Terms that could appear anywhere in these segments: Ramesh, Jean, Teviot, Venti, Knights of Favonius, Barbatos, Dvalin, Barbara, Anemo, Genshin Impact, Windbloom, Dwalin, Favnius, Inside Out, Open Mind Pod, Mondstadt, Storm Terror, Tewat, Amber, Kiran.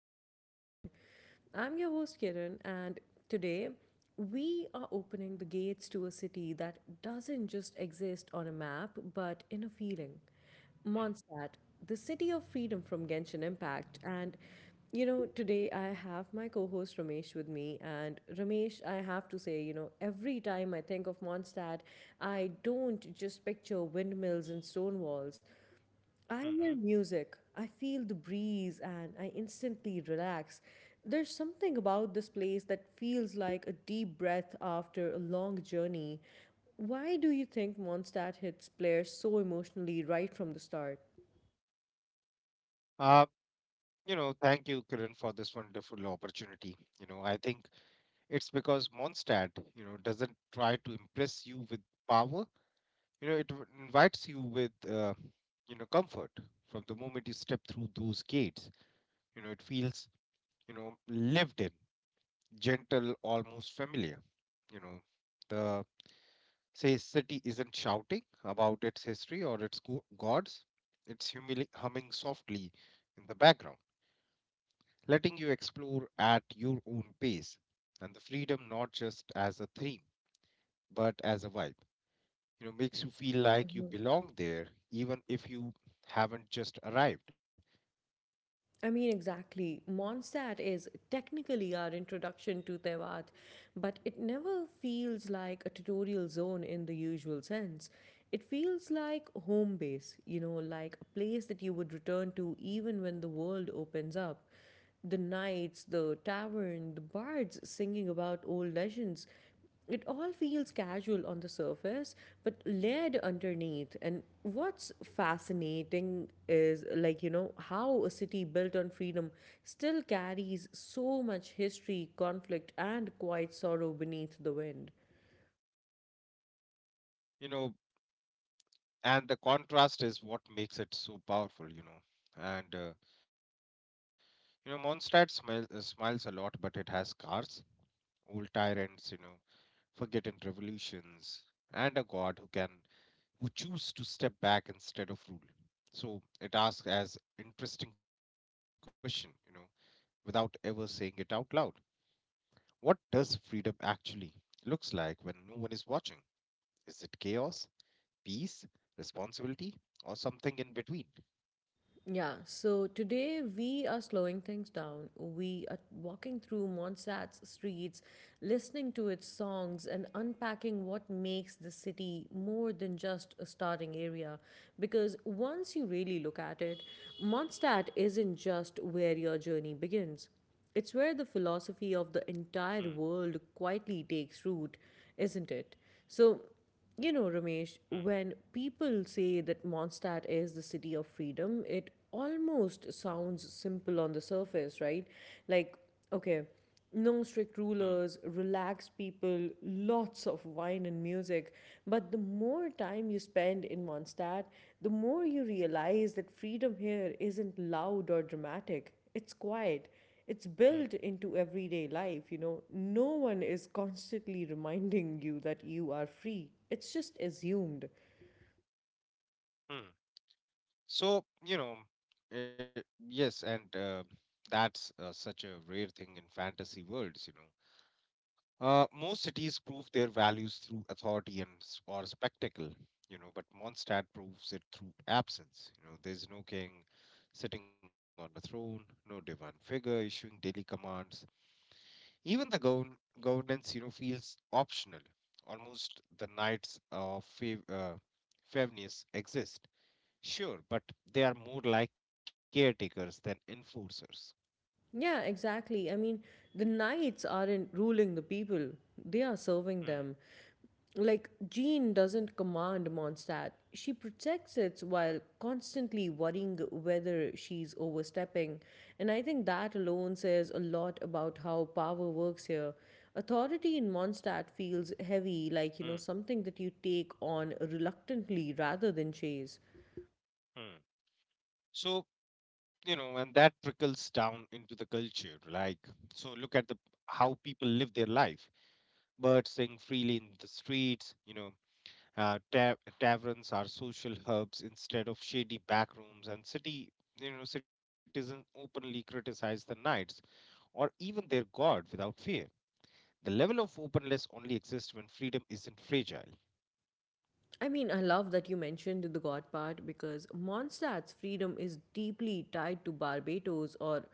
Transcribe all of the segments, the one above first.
Open Mind Pod. I'm your host Kiran, and today we are opening the gates to a city that doesn't just exist on a map but in a feeling. Mm, Mondstadt, the city of freedom from Genshin Impact. And today I have my co host Ramesh with me. And Ramesh, I have to say, you know, every time I think of Mondstadt, I don't just picture windmills and stone walls. I hear mhm. music, I feel the breeze, and I instantly relax. There's something about this place that feels like a deep breath after a long journey. Why do you think Mondstadt hits players so emotionally right from the start? Uh, Thank you, Kiran, for this wonderful opportunity. I think it's because Mondstadt, doesn't try to impress you with power. It invites you with, comfort from the moment you step through those gates. It feels, lived in, gentle, almost familiar. You know, the say city isn't shouting about its history or its gods. It's humming softly in the background, letting you explore at your own pace. And the freedom, not just as a theme, but as a vibe, makes you feel like you belong there, even if you haven't just arrived, I mean, exactly. Mondstadt is technically our introduction to Tewat, but it never feels like a tutorial zone in the usual sense. It feels like home base, you know, like a place that you would return to even when the world opens up. The knights, the tavern, the bards singing about old legends, it all feels casual on the surface, but layered underneath. And what's fascinating is, like, you know, how a city built on freedom still carries so much history, conflict, and quiet sorrow beneath the wind. you know. And the contrast is what makes it so powerful, Mondstadt smiles a lot, but it has cars, old tyrants, forgotten revolutions, and a god who choose to step back instead of rule. So it asks as interesting question, without ever saying it out loud. What does freedom actually looks like when no one is watching? Is it chaos, peace, responsibility, or something in between? Yeah, so today we are slowing things down. We are walking through Montserrat's streets, listening to its songs, and unpacking what makes the city more than just a starting area. Because once you really look at it, Montserrat isn't just where your journey begins. It's where the philosophy of the Mm, entire world quietly takes root, isn't it? So, you know, Ramesh, when people say that Mondstadt is the city of freedom, it almost sounds simple on the surface, right? Like, mm, okay, mm, no strict rulers, relaxed people, lots of wine and music. But the more time you spend in Mondstadt, the more you realize that freedom here isn't loud or dramatic. It's quiet, it's mm, built into everyday life, you know, no one is constantly reminding you that you are free. It's just assumed. mm. So, you know, uh, yes, and that's such a rare thing in fantasy worlds, Most cities prove their values through authority and or spectacle, but Mondstadt proves it through absence. There's no king sitting on a throne, no divine figure issuing daily commands. Even the governance, feels optional. Almost the knights of Favnius exist, sure, but they are more like caretakers than enforcers. Yeah, exactly. I mean, the knights aren't ruling the people, they are serving Mm, them. Like, Jean doesn't command Mondstadt. She protects it while constantly worrying whether she's overstepping. And I think that alone says a lot about how power works here. Authority in Mondstadt feels heavy, like, you know, mm, something that you take on reluctantly rather than chase. mm. So, and that trickles down into the culture, like, so look at the how people live their life. Birds sing freely in the streets, uh, ta- taverns are social hubs instead of shady back rooms, and city you know citizens openly criticize the knights or even their god without fear. The level of openness only exists when freedom isn't fragile. I mean, I love that you mentioned the God part because Mondstadt's freedom is deeply tied to Barbados, or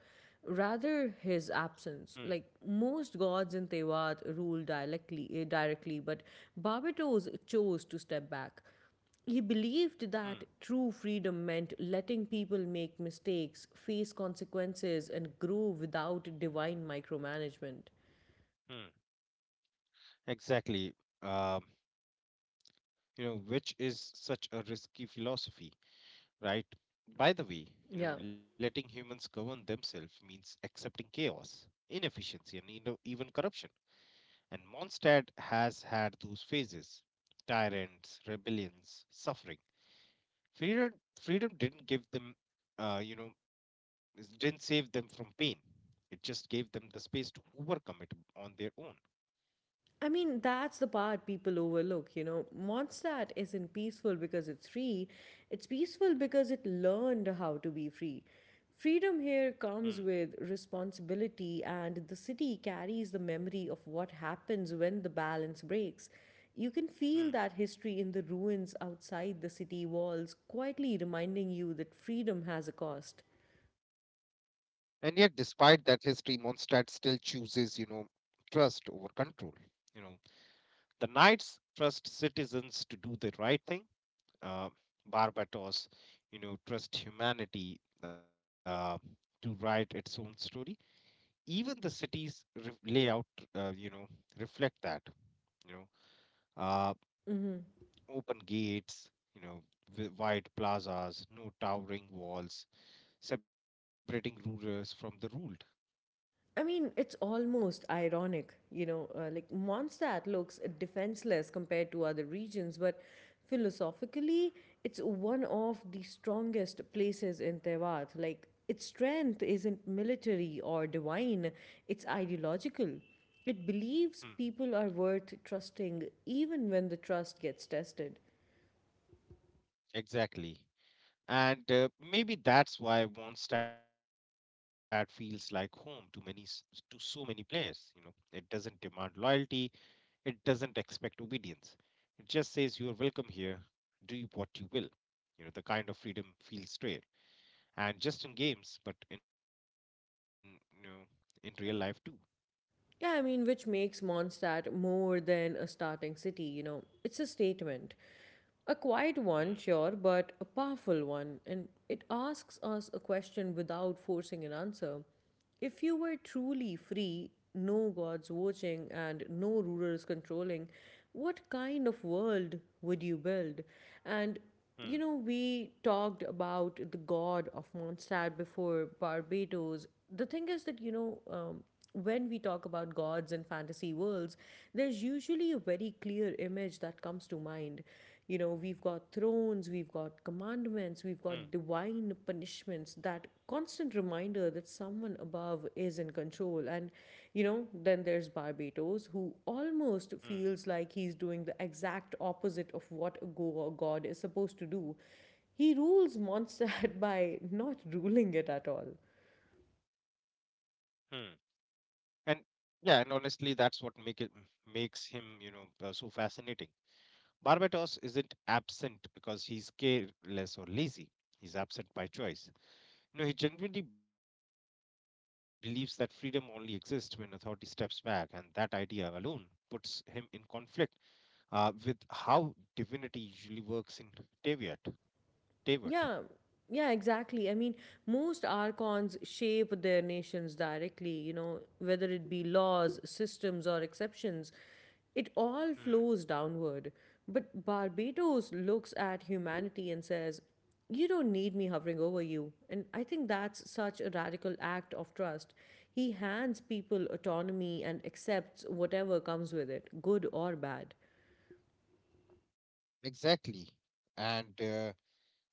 rather his Hmm, absence. Like most gods in Tewat ruled directly, directly, but Barbados chose to step back. He believed that hmm, true freedom meant letting people make mistakes, face consequences, and grow without divine micromanagement. hmm. Exactly. um, which is such a risky philosophy, right? By Yeah. the way, letting humans govern themselves means accepting chaos, inefficiency, and, even corruption. And Mondstadt has had those phases: tyrants, rebellions, suffering. Freedom, freedom didn't give them, didn't save them from pain. It just gave them the space to overcome it on their own. I mean, that's the part people overlook, you know. Mondstadt isn't peaceful because it's free, it's peaceful because it learned how to be free. Freedom here Hmm, comes with responsibility, and the city carries the memory of what happens when the balance breaks. You can feel that hmm. history in the ruins outside the city walls, quietly reminding you that freedom has a cost. And yet, despite that history, Mondstadt still chooses, trust over control. You know, The Knights trust citizens to do the right thing. Uh, Barbados, trust humanity to write its own story. Even the city's layout, uh, you know, reflect that. You know, uh, Mm-hmm. open gates, wide plazas, no towering walls separating rulers from the ruled. I mean, it's almost ironic, you know, like Mondstadt looks defenseless compared to other regions, but philosophically, it's one of the strongest places in Tevat. Like, its strength isn't military or divine, it's ideological. It Hmm, believes people are worth trusting even when the trust gets tested. Exactly. And maybe that's why Mondstadt feels like home to many to so many players, It doesn't demand loyalty. It doesn't expect obedience. It just says you are welcome here, do what you will. The kind of freedom feels rare. And just in games, but in, you know in real life too. Yeah, I mean, which makes Mondstadt more than a starting city, you know. It's a statement. A quiet Hmm. one, sure, but a powerful one. And it asks us a question without forcing an answer. If you were truly free, no gods watching, and no rulers controlling, what kind of world would you build? And Hmm. we talked about the god of Mondstadt before Barbados. The thing is that, you know, when we talk about gods and fantasy worlds, there's usually a very clear image that comes to mind. You know, we've got thrones, we've got commandments, we've got Hmm. divine punishments, that constant reminder that someone above is in control. And, you know, then there's Barbados, who almost feels Hmm. like he's doing the exact opposite of what a god is supposed to do. He rules Mondstadt by not ruling it at all. Hmm. And yeah, and honestly that's what make it makes him, so fascinating. Barbatos isn't absent because he's careless or lazy. He's absent by choice. No, he genuinely believes that freedom only exists when authority steps back, and that idea alone puts him in conflict with how divinity usually works in Teviot. Yeah, Teviot. yeah, exactly. I mean, most archons shape their nations directly, you know, whether it be laws, systems, or exceptions. It all Hmm. flows downward. But Barbados looks at humanity and says, "You don't need me hovering over you." And I think that's such a radical act of trust. He hands people autonomy and accepts whatever comes with it, good or bad. Exactly. And, uh,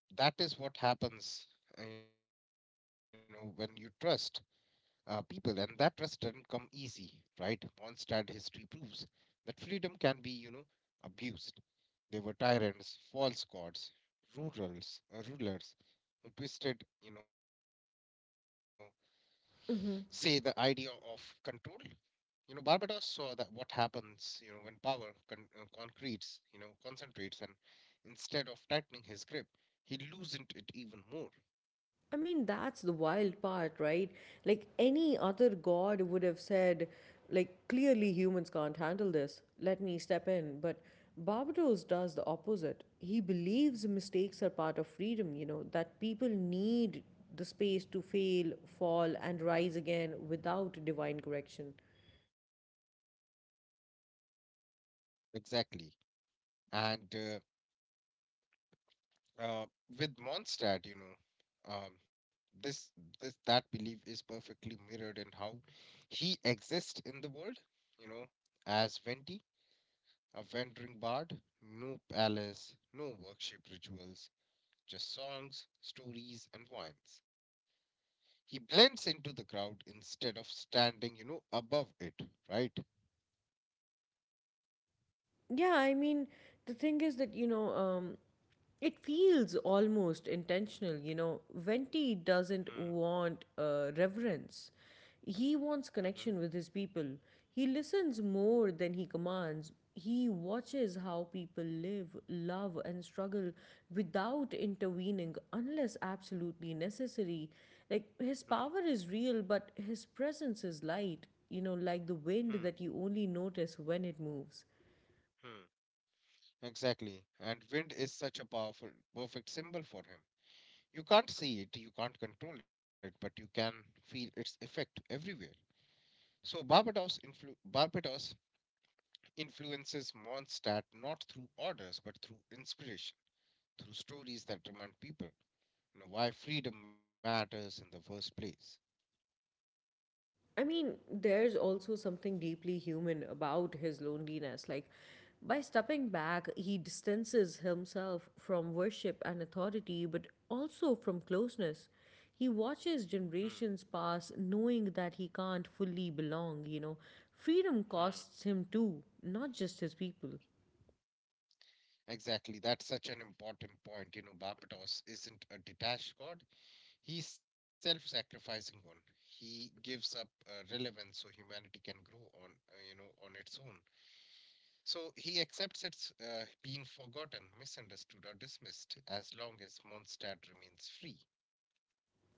you know, that is what happens, when you trust people, and that trust doesn't come easy, right? Mondstadt history proves that freedom can be, abused. They were tyrants, false gods, rulers who twisted, you know, say the idea of control. Barbados saw that what happens, when power concentrates, and instead of tightening his grip, he loosened it even more. I mean, that's the wild part, right? Like, any other god would have said, like, clearly humans can't handle this. Let me step in. But Barbados does the opposite. He believes mistakes are part of freedom, you know, that people need the space to fail, fall, and rise again without divine correction. Exactly, and uh, uh, with Mondstadt, you know, this this that belief is perfectly mirrored in how he exists in the world. You know, as Venti. A wandering bard? No palace, no worship rituals, just songs, stories, and wines. He blends into the crowd instead of standing, above it, right? Yeah, I mean, the thing is that, you know, it feels almost intentional. You know, Venti doesn't Hmm. want reverence, he wants connection Hmm. with his people. He listens more than he commands. He watches how people live, love, and struggle without intervening unless absolutely necessary. Like, his Hmm. power is real, but his presence is light, you know, like the wind Hmm. that you only notice when it moves. Hmm. Exactly. And wind is such a powerful, perfect symbol for him. You can't see it, you can't control it, but you can feel its effect everywhere. So Barbados, Barbados influences Mondstadt not through orders but through inspiration, through stories that remind people, why freedom matters in the first place. I mean, there's also something deeply human about his loneliness. Like, by stepping back, he distances himself from worship and authority, but also from closeness. He watches Hmm. generations pass knowing that he can't fully belong, you know. Freedom Hmm. costs him too, not just his people. Exactly, that's such an important point. Barbados isn't a detached god, he's self sacrificing one. He gives up relevance so humanity can grow on, on its own. So he accepts its being forgotten, misunderstood, or dismissed as long as Mondstadt remains free.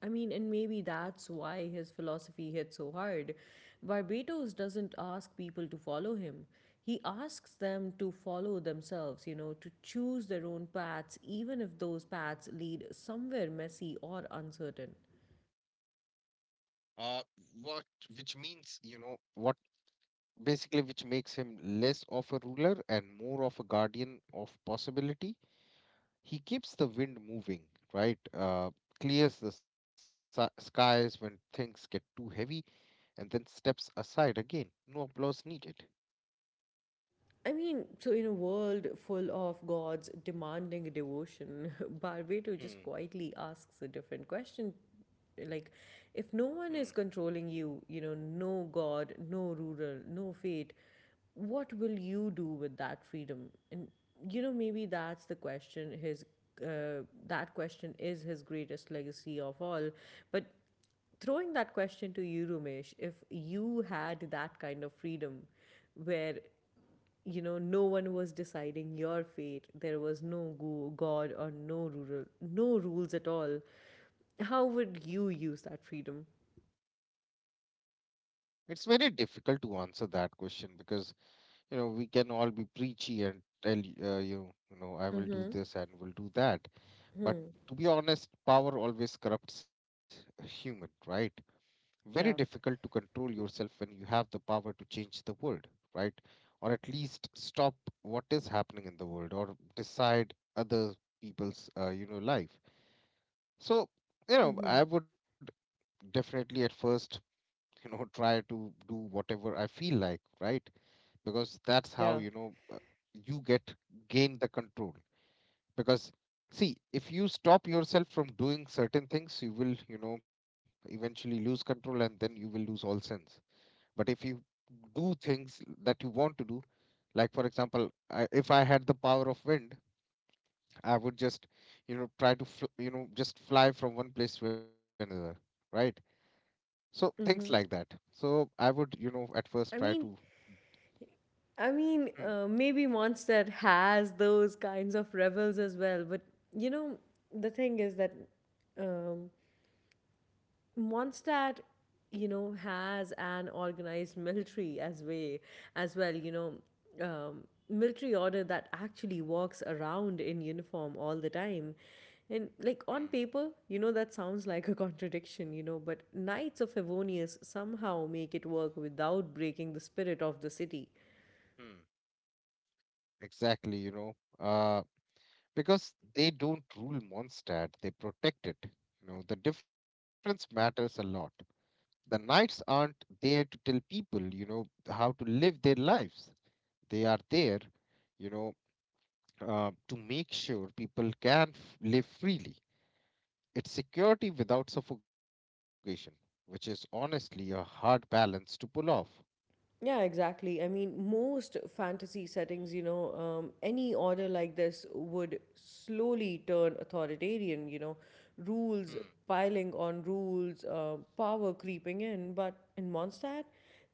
I mean, and maybe that's why his philosophy hit so hard. Barbados doesn't ask people to follow him. He asks them to follow themselves, you know, to choose their own paths, even if those paths lead somewhere messy or uncertain. Uh, what, which means, you know, what basically which makes him less of a ruler and more of a guardian of possibility. He keeps the wind moving, right? Clears the skies when things get too heavy, and then steps aside again. No applause needed. I mean, so in a world full of gods demanding devotion, Barbato hmm. just quietly asks a different question. Like, if Hmm. no one is controlling you, you know, no god, no ruler, no fate, what will you do with that freedom? And, you know, maybe that's the question his. That question is his greatest legacy of all. But throwing that question to you, Ramesh, if you had that kind of freedom where you know no one was deciding your fate, there was no god or no rural, no rules at all, how would you use that freedom? It's very difficult to answer that question because, we can all be preachy and tell you know I will do Mm-hmm. this and will do that, but Hmm. to be honest, power always corrupts a human, right? Very Yeah. difficult to control yourself when you have the power to change the world, right? Or at least stop what is happening in the world, or decide other people's, life. So, Mm-hmm. I would definitely at first, try to do whatever I feel like, right? Because that's how, Yeah. you know, you get gain the control. Because see, if you stop yourself from doing certain things, you will, eventually lose control, and then you will lose all sense. But if you do things that you want to do, like for example, if I had the power of wind, I would just, try to, just fly from one place to another, right? So things like that. Mm-hmm. So I would, at first try i to. mean i mean Hmm. uh, maybe monster has those kinds of rebels as well, but you know, the thing is that, um, Mondstadt, you know, has an organized military as way as well. You know, military order that actually walks around in uniform all the time. And Hmm. like on paper, you know that sounds like a contradiction, you know, but Knights of Evonius somehow make it work without breaking the spirit of the city. Hmm. Exactly, uh, because they don't rule Mondstadt, they protect it. The difference matters a lot. The knights aren't there to tell people, how to live their lives. They are there, you know, to make sure people can live freely. It's security without suffocation, which is honestly a hard balance to pull off. Yeah, exactly. I mean, most fantasy settings, you know, any order like this would slowly turn authoritarian, you know, Hmm. rules piling on rules, power creeping in. But in Mondstadt,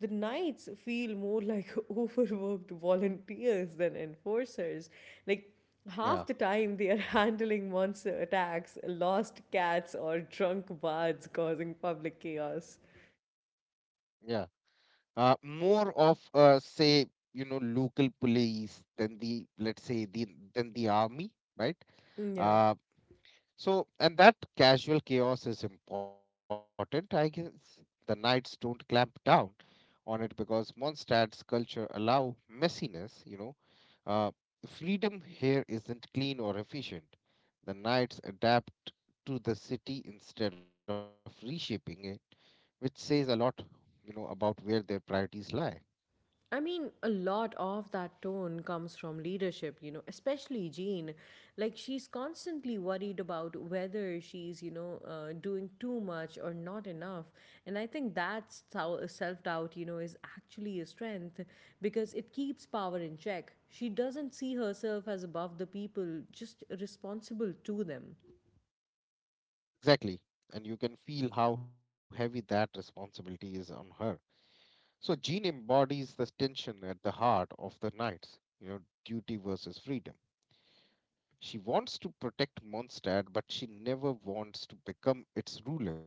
the knights feel more like overworked volunteers than enforcers. Like, Yeah, half the time they are handling monster attacks, lost cats, or drunk bards causing public chaos. yeah. More of, local police than, the let's say, the than the army, right? Mm, yeah. Uh, so and that casual chaos is important, I guess. The knights don't clamp down on it because Mondstadt's culture allow messiness, Uh, Freedom here isn't clean or efficient. The knights adapt to the city instead of reshaping it, which says a lot, about where their priorities lie. I mean, a lot of that tone comes from leadership, you know, especially Jean. Like, she's constantly worried about whether she's, you know, doing too much or not enough. And I think that self doubt, you know, is actually a strength because it keeps power in check. She doesn't see herself as above the people, just responsible to them. Exactly. And you can feel how heavy that responsibility is on her. So Jean embodies the tension at the heart of the knights, duty versus freedom. She wants to protect Mondstadt, but she never wants to become its ruler.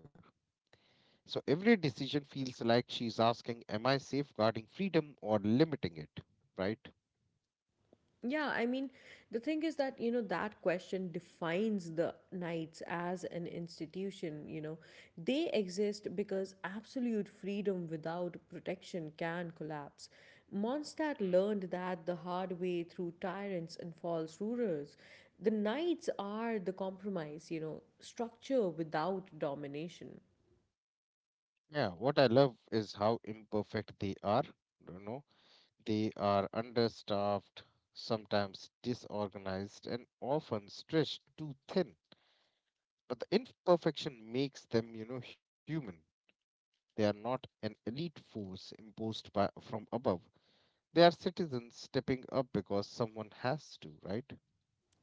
So every decision feels like she's asking, am I safeguarding freedom or limiting it? Right? Yeah, I mean, the thing is that, you know, that question defines the Knights as an institution, you know. They exist because absolute freedom without protection can collapse. Mondstadt Mm. learned that the hard way through tyrants and false rulers. The Knights are the compromise, you know, structure without domination. Yeah, what I love is how imperfect they are. You know, they are understaffed, sometimes disorganized, and often stretched too thin. But the imperfection makes them, human. They are not an elite force imposed by from above. They are citizens stepping up because someone has to, right?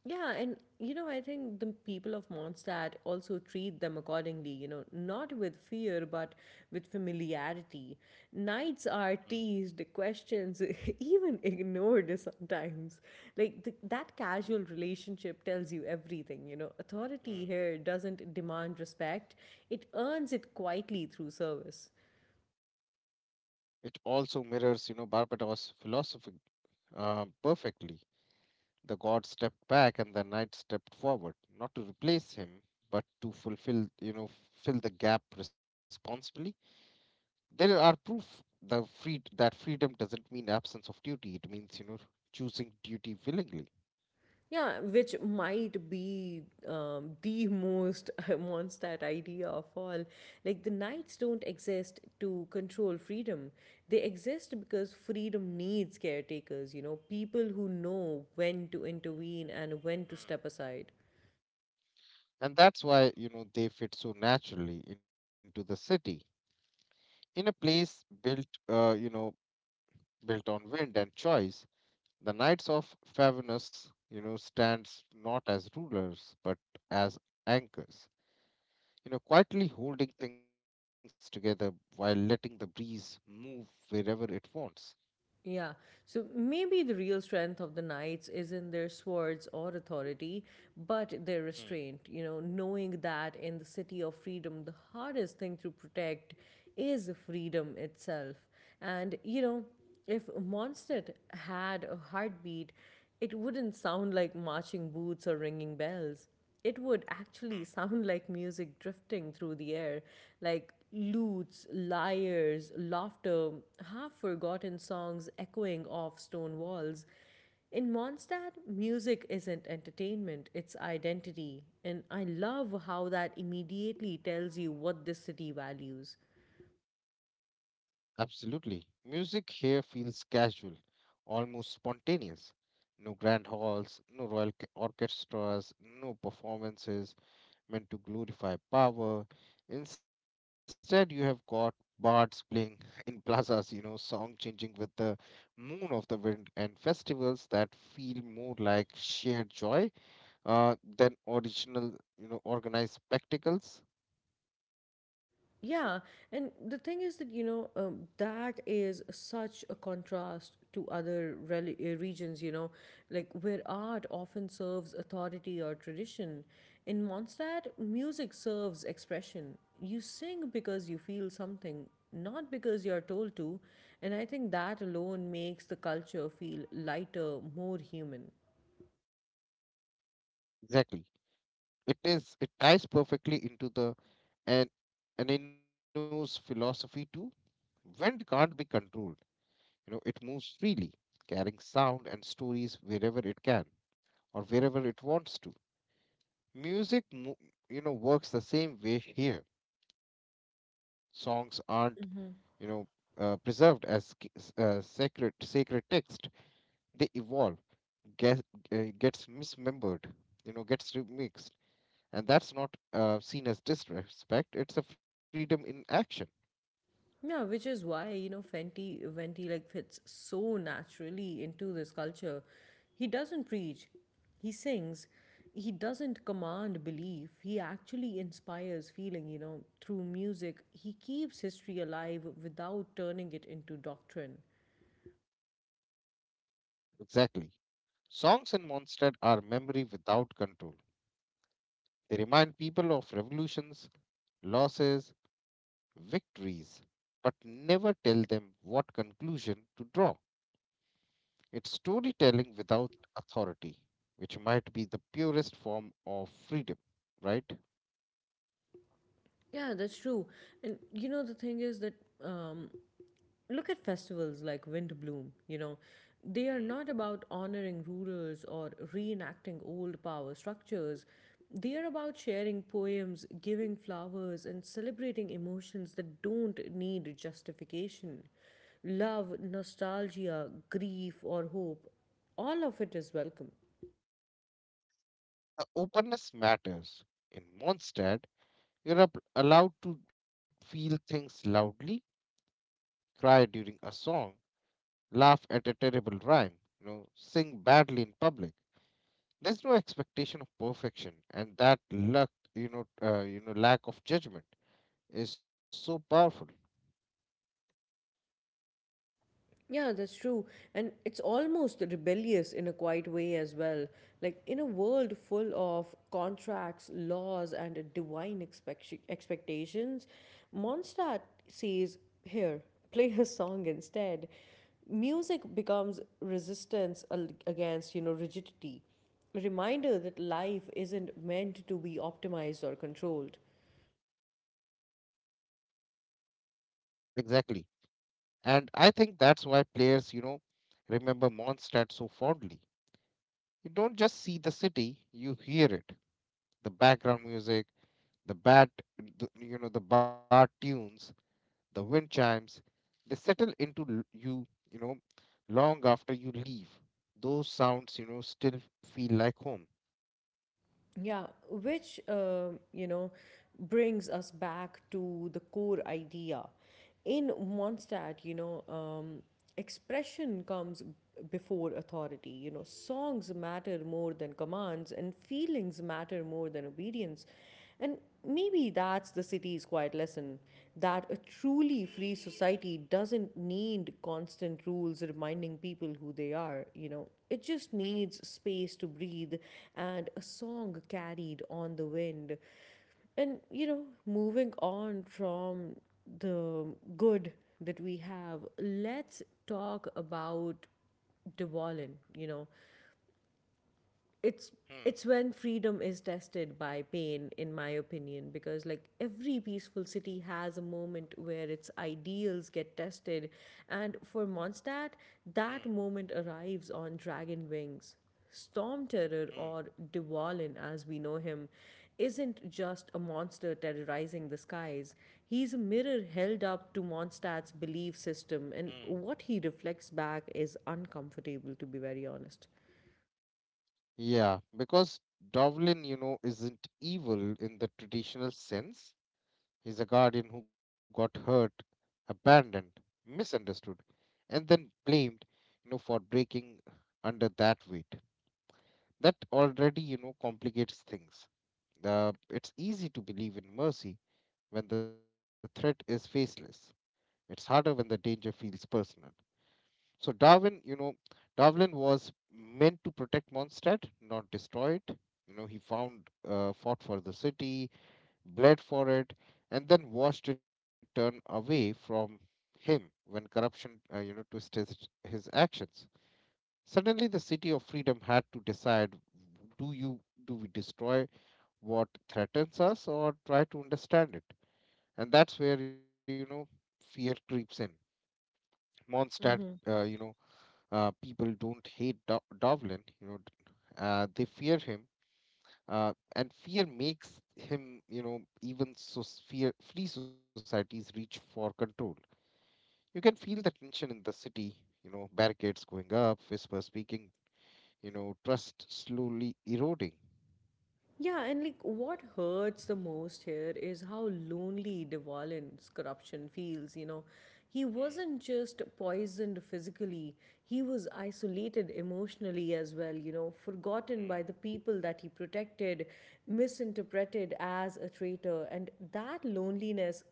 Yeah, and you know, I think the people of Mondstadt also treat them accordingly, you know, not with fear, but with familiarity. Knights Mm, are teased, questions, even ignored sometimes. Like that casual relationship tells you everything, you know. Authority mm, here doesn't demand respect, it earns it quietly through service. It also mirrors, Barbados' philosophy perfectly. The god stepped back and the knight stepped forward, not to replace him, but to fulfill, fill the gap responsibly. There are proof the free that freedom doesn't mean absence of duty. It means, choosing duty willingly, Yeah, which might be the most Mondstadt idea of all. Like, the knights don't exist to control freedom. They exist because freedom needs caretakers, you know, people who know when to intervene and when to step aside. and that's why, they fit so naturally into the city. In a place built, built on wind and choice, the knights of Favenus, stands not as rulers but as anchors, quietly holding things together while letting the breeze move wherever it wants. Yeah. So maybe the real strength of the knights is in their swords or authority, but their Mm, restraint, you know, knowing that in the city of freedom, the hardest thing to protect is freedom itself. And, you know, if Mondstadt had a heartbeat, it wouldn't sound like marching boots or ringing bells, it would mm. actually sound like music drifting through the air, like lutes, lyres, laughter, half forgotten songs echoing off stone walls. In Mondstadt, music isn't entertainment, it's identity. And I love how that immediately tells you what this city values. Absolutely. Music here feels casual, almost spontaneous. No grand halls, no orchestras, no performances meant to glorify power. Instead, you have got bards playing in plazas, song changing with the moon of the wind, and festivals that feel more like shared joy, than original, organized spectacles. Yeah, and the thing is that, that is such a contrast to other regions, you know, like where art often serves authority or tradition. In Mondstadt, music serves expression. You sing because you feel something, not because you're told to. And I think that alone makes the culture feel lighter, more human. Exactly. It is. It ties perfectly into the and Aninu's philosophy too. Wind can't be controlled. It moves freely, carrying sound and stories wherever it can, or wherever it wants to. Music works the same way here. Songs aren't you know preserved as c- s- sacred sacred text. They evolve, get, gets mismembered, gets remixed, and that's not seen as disrespect. It's a freedom in action. Yeah, which is why, Fenty like fits so naturally into this culture. He doesn't preach, he sings, he doesn't command belief, he actually inspires feeling, you know, through music. He keeps history alive without turning it into doctrine. Exactly. Songs in Monstead are memory without control. They remind people of revolutions, losses, victories, but never tell them what conclusion to draw. It's storytelling without authority, which might be the purest form of freedom, right? Yeah, that's true. And you know, the thing is that um, look at festivals like Windbloom, you know, they are Mm. not about honoring rulers or reenacting old power structures. They are about sharing poems, giving flowers, and celebrating emotions that don't need justification. Love, nostalgia, grief, or hope, all of it is welcome. The openness matters. In Mondstadt, you're allowed to feel things loudly, cry during a song, laugh at a terrible rhyme, sing badly in public. There's no expectation of perfection, and that luck, you know, lack of judgment is so powerful. Yeah, that's true. And it's almost rebellious in a quiet way as well. Like in a world full of contracts, laws, and divine expectations, Mondstadt says, "Here, play a song instead." Music becomes resistance against, you know, rigidity. A reminder that life isn't meant to be optimized or controlled. Exactly, and I think that's why players, remember Mondstadt so fondly. You don't just see the city, you hear it. The background music, the bat, the, the bar tunes, the wind chimes, they settle into you long after you leave. Those sounds, still feel like home. Yeah, which, you know, brings us back to the core idea. In Mondstadt, expression comes before authority. You know, songs matter more than commands, and feelings matter more than obedience. And maybe that's the city's quiet lesson that a truly free society doesn't need constant rules reminding people who they are, you know. It just needs space to breathe and a song carried on the wind. And, you know, moving on from the good that we have, let's talk about Devolin, you know, it's Hmm, it's when freedom is tested by pain in my opinion, because like every peaceful city has a moment where its ideals get tested, and for Mondstadt hmm, that moment arrives on dragon wings. Storm Terror, hmm, or Dwalin as we know him, isn't just a monster terrorizing the skies. He's a mirror held up to Mondstadt's belief system, hmm. and what he reflects back is uncomfortable, to be very honest. Yeah, because Dovlin, isn't evil in the traditional sense. He's a guardian who got hurt, abandoned, misunderstood, and then blamed, for breaking under that weight. That already, complicates things. The It's easy to believe in mercy when the threat is faceless. It's harder when the danger feels personal. So Darwin, Darwin was meant to protect Mondstadt, not destroy it. He found fought for the city, bled for it, and then watched it turn away from him when corruption twisted his actions. Suddenly, the city of freedom had to decide, do you do we destroy what threatens us or try to understand it? And that's where, fear creeps in. Mondstadt, uh, you know, people don't hate Dovlin, you know, d- they fear him, and fear makes him, you know, even so fear. Free societies reach for control. You can feel the tension in the city, barricades going up, whispers speaking, trust slowly eroding. Yeah, and like what hurts the most here is how lonely De Valence corruption feels, you know. Mm, He wasn't just poisoned physically, he was isolated emotionally as well, you know, forgotten by the people that he protected, misinterpreted as a traitor, and that loneliness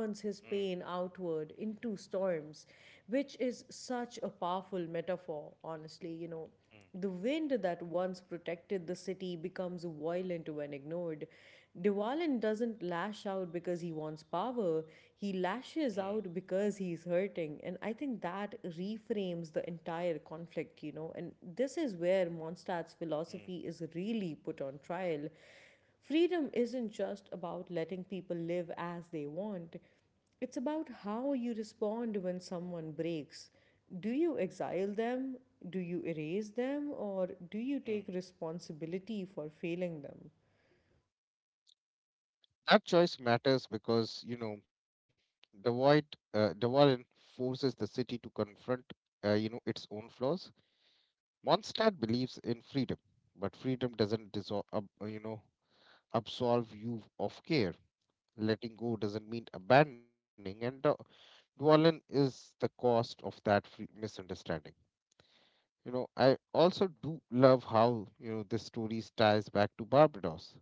mm, mm, his pain outward into storms, which is such a powerful metaphor, honestly, you know, the wind that once protected the city becomes violent when ignored. Dewalin doesn't lash out because he wants power, he mm, mm, lashes out because he's hurting. And I think that reframes the entire conflict, you know. And this is where Mondstadt's mm, philosophy is really put on trial. Freedom isn't just about letting people live as they want. It's about how you respond when someone breaks. Do you exile them? Do you erase them? Or do you mm. take responsibility for failing them? That choice matters because, the void, the Warren forces the city to confront, its own flaws. Mondstadt believes in freedom, but freedom doesn't dissolve, ab- you know, absolve you of care. Letting go doesn't mean abandoning, and the Dwalin is the cost of that free misunderstanding. You know, I also do love how, the story ties back to Barbados.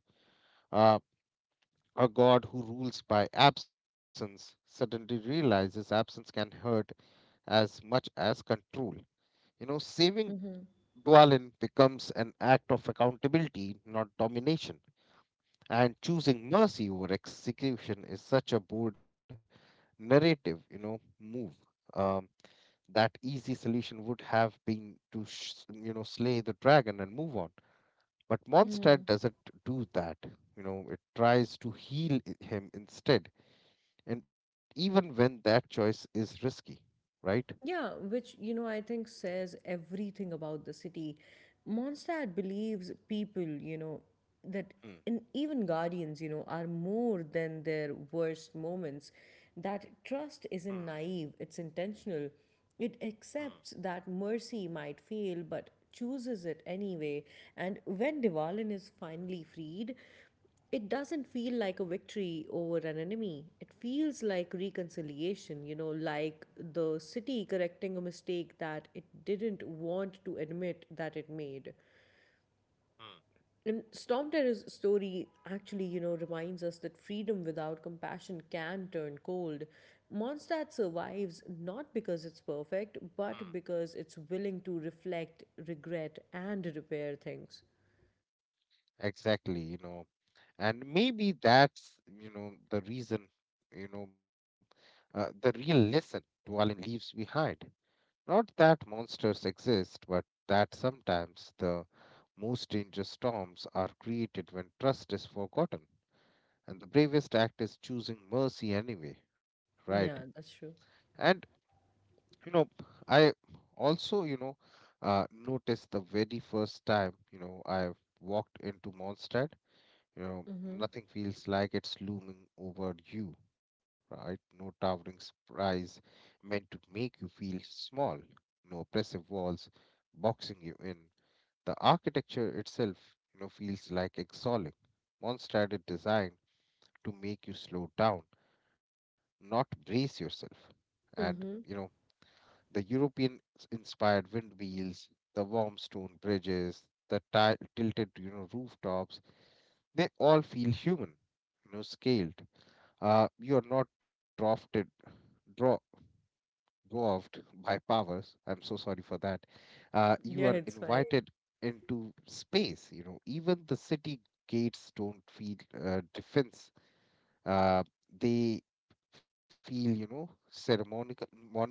Uh, a god who rules by absence suddenly realizes absence can hurt as much as control. You know, saving Dwalin becomes an act of accountability, not domination. And choosing mercy over execution is such a bold narrative, move. Um, that easy solution would have been to, slay the dragon and move on. But Mondstadt doesn't do that. You know, it tries to heal him instead. And even when that choice is risky, right? Yeah, which, you know, I think says everything about the city. Mondstadt believes people, you know, that Mm, in, even guardians, you know, are more than their worst moments. That mm, trust isn't naive, it's intentional. It mm, accepts that mercy might fail, but chooses it anyway. And when Devalin is finally freed, it doesn't feel like a victory over an enemy. It feels like reconciliation, you know, like the city correcting a mistake that it didn't want to admit that it made. mm, And Storm Terror's story actually, you know, reminds us that freedom without compassion can turn cold. Mondstadt survives not because it's perfect, mm. but because it's willing to reflect, regret, and repair things. Exactly, you know. And maybe that's, the reason, you know, the real lesson Dwalin leaves behind. Not that monsters exist, but that sometimes the most dangerous storms are created when trust is forgotten, and the bravest act is choosing mercy anyway, right? Yeah, that's true. And you know, I also, noticed the very first time, I walked into Mondstadt, you know Mm-hmm. nothing feels like it's looming over you, right? No towering surprise meant to make you feel small, no oppressive walls boxing you in. The architecture itself, feels like exhaling. Mondstadt is designed to make you slow down, not brace yourself. And, you Mm-hmm. know, the European inspired wind wheels, the warm stone bridges, the tilted, rooftops, they all feel human, scaled. You are not draw, dwarfed by powers. I'm so sorry for that. You Yeah, are it's fine. invited into space, you know, even the city gates don't feel defense. Uh, they feel, ceremonial.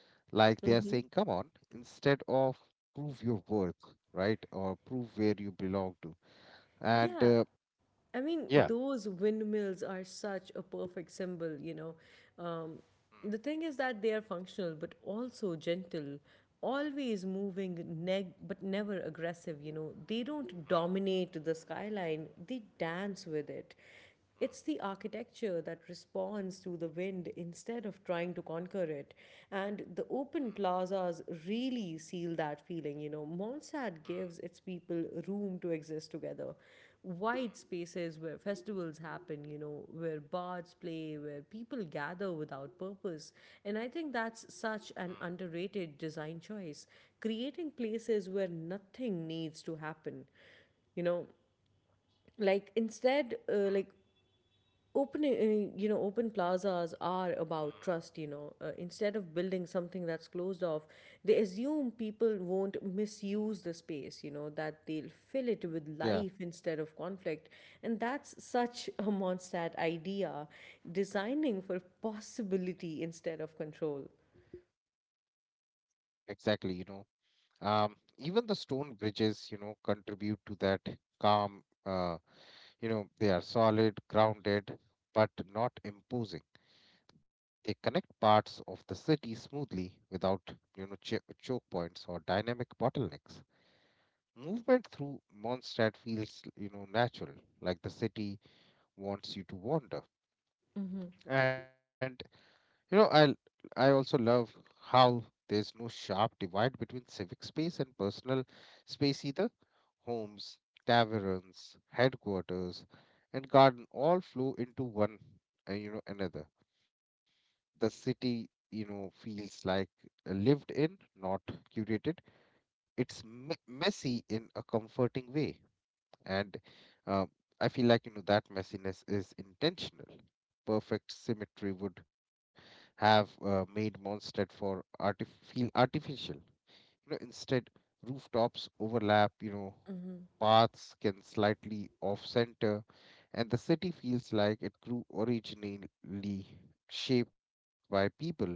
Like they are saying, Mm-hmm. come on, instead of prove your worth, right? Or prove where you belong to. And Yeah, I mean, yeah, those windmills are such a perfect symbol, you know. Um, the thing is that they are functional but also gentle, always moving, neg but never aggressive, you know. They don't dominate the skyline, they dance with it. It's the architecture that responds to the wind instead of trying to conquer it. And the open plazas really seal that feeling. You know, Monsad gives its people room to exist together. Wide spaces where festivals happen, you know, where bards play, where people gather without purpose. And I think that's such an underrated design choice, creating places where nothing needs to happen, you know, like instead like open you know, open plazas are about trust, you know, instead of building something that's closed off, they assume people won't misuse the space, you know, that they'll fill it with yeah, life instead of conflict. And that's such a Mondstadt idea, designing for possibility instead of control. exactly. You know, even the stone bridges, contribute to that calm. They are solid, grounded, but not imposing. They connect parts of the city smoothly without, you know, ch choke points or dynamic bottlenecks. Movement through Mondstadt feels, natural, like the city wants you to wander. And you know, I also love how there's no sharp divide between civic space and personal space either. Homes, taverns, headquarters, and garden all flow into one, another. The city, feels like lived in, not curated. It's messy in a comforting way. And uh, I feel like, that messiness is intentional. Perfect symmetry would have made Mondstadt feel artificial. You know, instead rooftops overlap. You know, paths can slightly off center, and the city feels like it grew originally, shaped by people, not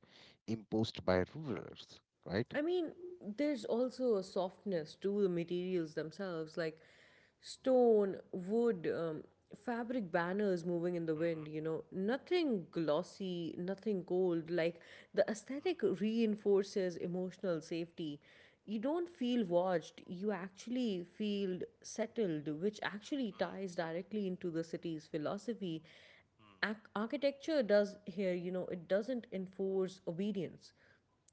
imposed by rulers, right? I mean, there's also a softness to the materials themselves, like stone, wood, fabric banners moving in the wind, Mm-hmm. you know, nothing glossy, nothing cold. Like the Mm, aesthetic reinforces emotional safety. You don't feel watched, you actually feel settled, which actually ties directly into the city's philosophy. Architecture does here, you know, it doesn't enforce obedience,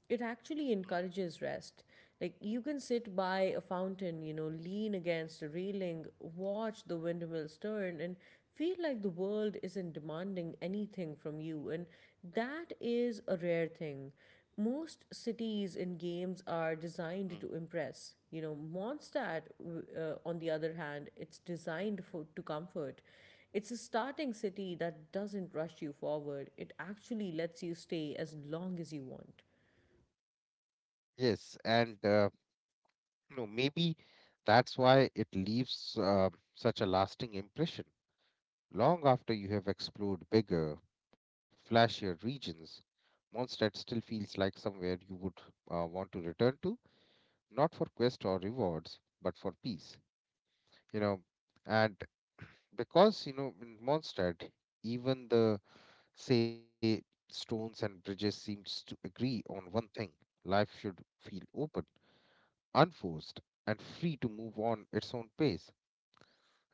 it actually encourages rest. Like you can sit by a fountain, you know, lean against a railing, watch the windmills turn, and feel like the world isn't demanding anything from you. And that is a rare thing. Most cities and games are mm, mm, mm, mm. designed to impress. You know, Mondstadt, on the other hand, it's designed for to comfort. It's a starting city that doesn't rush you forward. It actually lets you stay as long as you want. Yes, and no, maybe that's why it leaves such a lasting impression. Long after you have explored bigger, flashier regions, Mondstadt still feels like somewhere you would want to return to, not for quest or rewards, but for peace. You know, and because, you know, in Mondstadt, even the, say stones and bridges seems to agree on one thing: life should feel open, unforced, and free to move on its own pace.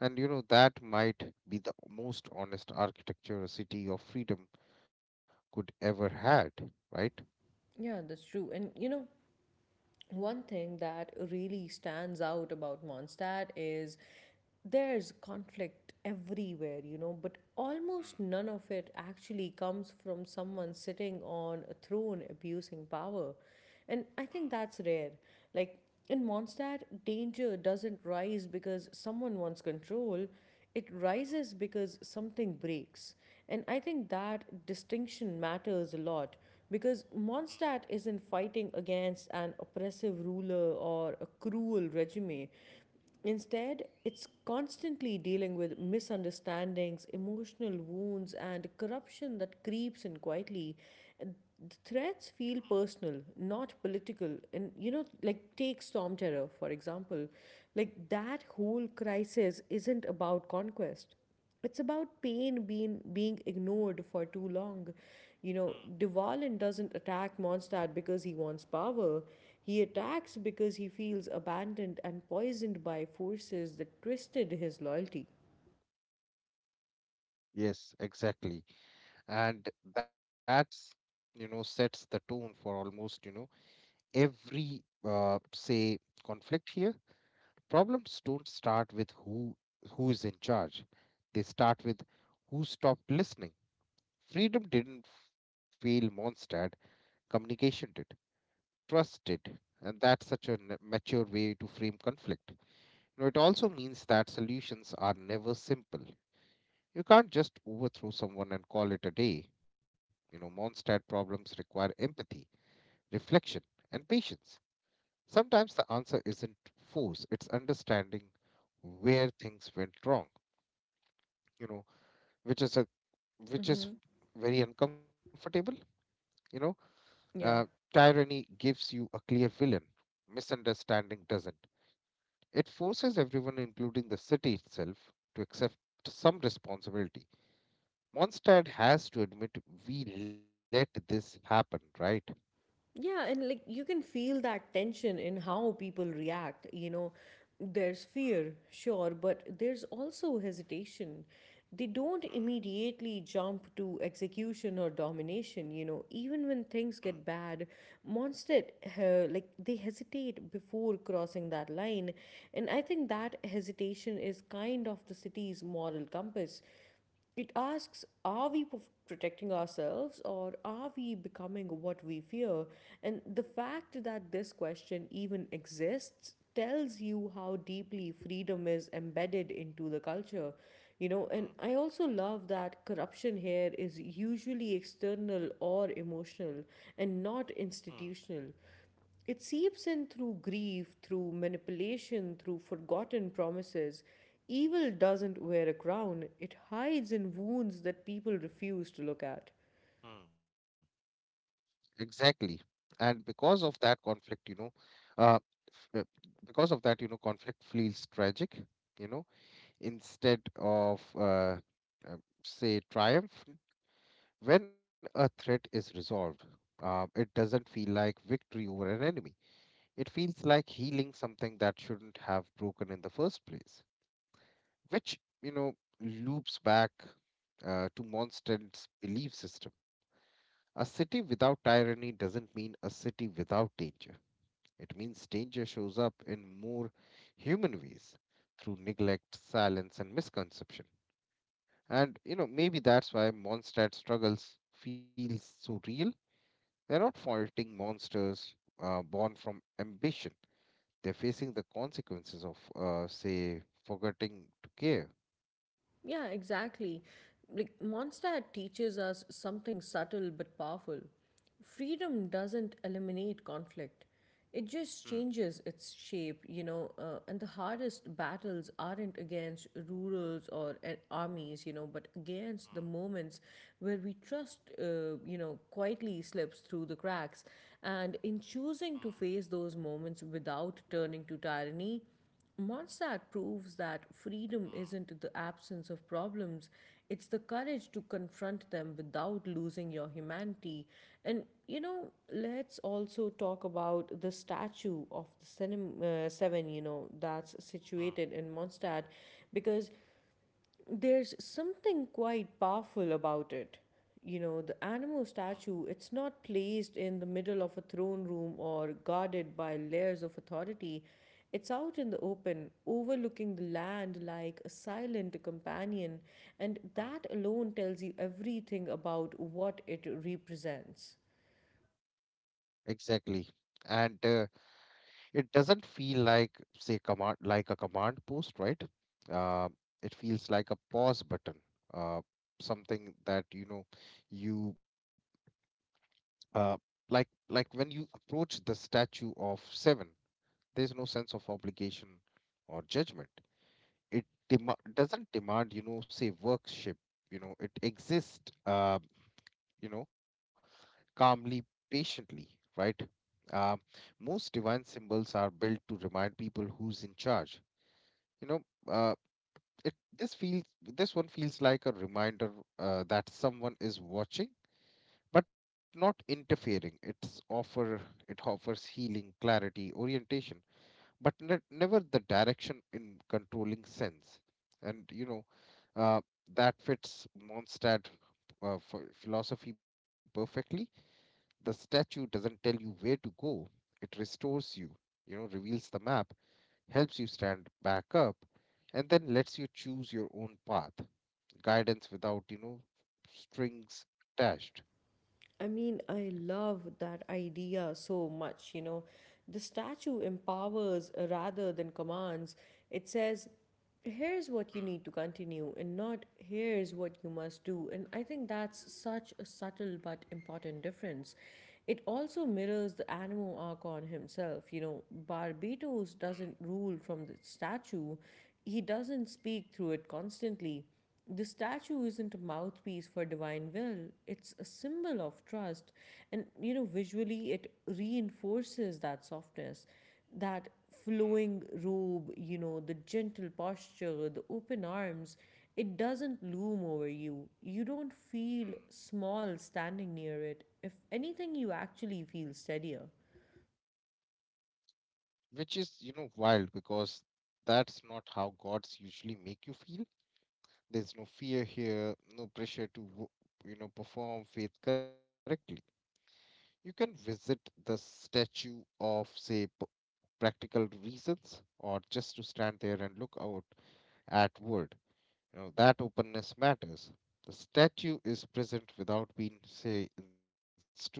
And you know, that might be the most honest architecture a city of freedom could ever had, right? Yeah, that's true. And you know, one thing that really stands out about Mondstadt is there's conflict everywhere, you know, but almost none Mm, of it actually comes from someone sitting on a throne abusing power. And I mm, think that's rare. Like in Mondstadt, danger doesn't rise because someone wants control. It mhm, rises because something breaks. And I think that distinction matters a lot because Mondstadt isn't fighting against an oppressive ruler or a cruel regime. Instead, it's constantly dealing with misunderstandings, emotional wounds, and corruption that creeps in quietly. The threats feel personal, not political. And, you know, like take Storm Terror, for example. Like that whole crisis isn't about conquest, it's about pain being ignored for too long, you mm. know. Devalin doesn't attack Mondstadt because he wants power, he attacks because he feels abandoned and poisoned by forces that twisted his loyalty. Yes, exactly. And that's, sets the tone for almost, every, conflict here. Problems don't start with who is in charge. They start with who stopped listening. Freedom didn't fail Mondstadt, communication did. Trusted, and that's such a mature way to frame conflict. You know, it also means that solutions are never simple. You can't just overthrow someone and call it a day. You know, Monstad problems require empathy, reflection, and patience. Sometimes the answer isn't force, it's understanding where things went wrong, you know, which is a which is Mm-hmm. very uncomfortable, you know. uh, Yeah. Tyranny gives you a clear villain, misunderstanding doesn't. It forces everyone, including the city itself, to accept some responsibility. Mondstadt has to admit we let this happen, right? Yeah, and like you can feel that tension in how people react. You know, there's fear, sure, but there's also hesitation. They don't immediately jump to execution or domination, you know. Even when things get bad, Mondstadt, like, they hesitate before crossing that line. And I think that hesitation is kind of the city's moral compass. It asks, are we protecting ourselves, or are we becoming what we fear? And the fact that this question even exists tells you how deeply freedom is embedded into the culture. You know, and I also love that corruption here is usually external or emotional and not institutional. It seeps in through grief, through manipulation, through forgotten promises. Evil doesn't wear a crown, it hides in wounds that people refuse to look at. Exactly. And because of that conflict, you know, uh, f- because of that, you know, conflict feels tragic, you know, instead of, uh, triumph. When a threat is resolved, it doesn't feel like victory over an enemy. It feels like healing something that shouldn't have broken in the first place, which, you know, loops back to Monstand's belief system. A city without tyranny doesn't mean a city without danger. It means danger shows up in more human ways through neglect, silence, and misconception. And, you know, maybe that's why Mondstadt struggles feels so real. They're not fighting monsters born from ambition. They're facing the consequences of, forgetting to care. Yeah, exactly. Like Mondstadt teaches us something subtle but powerful. Freedom doesn't eliminate conflict. It Mm, mm, just changes its shape, you know, and the hardest battles aren't against rurals or armies, you know, but against the moments where we trust, you know, quietly slips through the cracks. And in choosing to mm, face those moments without turning to tyranny, Monsat proves that freedom isn't the absence of problems, it's the courage to confront them without losing your humanity. And you know, let's also talk about the statue of the seven, you know, that's mm, mm, situated in Mondstadt, because there's something quite powerful about it. You know, the animal mm, statue, it's not placed in the middle of a throne room or guarded by layers of authority. It's out in the open, overlooking the land like a silent companion, and mm. that alone tells you everything about what it represents. Exactly. And it doesn't feel like, command like a command post, right? Uh, it feels like a pause button, uh, something that you know you uh, like when you approach the statue of seven, there's no sense of obligation or judgment. It doesn't demand, you know say worship. You know, it exists, you know calmly, patiently, right? Um Most divine symbols are built to remind people who's in charge, you know. Uh, it This feels this one feels like a reminder that someone is watching but not interfering. Offer it offers healing, clarity, orientation, but never the direction in controlling sense. And you know, uh, that fits Mondstadt philosophy perfectly. The statue doesn't tell you where to go; it restores you. You know, reveals the map, helps you stand back up, and then lets you choose your own path. Guidance without, strings attached. I mean, I love that idea so much, you know. The statue empowers rather than commands. It says, here's what you need to Mm, continue, and not here's what you must do. And I think that's such a subtle but important difference. It also mirrors the animal archon himself. You know, Barbados doesn't rule from the statue, he doesn't speak through it constantly. The statue isn't a mouthpiece for divine will, it's a symbol of trust. And you know, visually, it reinforces that softness, that mm, flowing robe, you know, the gentle posture, the open arms. It doesn't loom over you. You don't mm, feel small standing near it. If anything, you actually feel steadier. mm. Which is, you know, wild because that's not how gods usually make you feel. There's no fear here, no pressure to, perform faith correctly. You can visit the statue of, practical reasons or just to stand there and look out at world. You know, that openness matters. The statue is present without being, inst-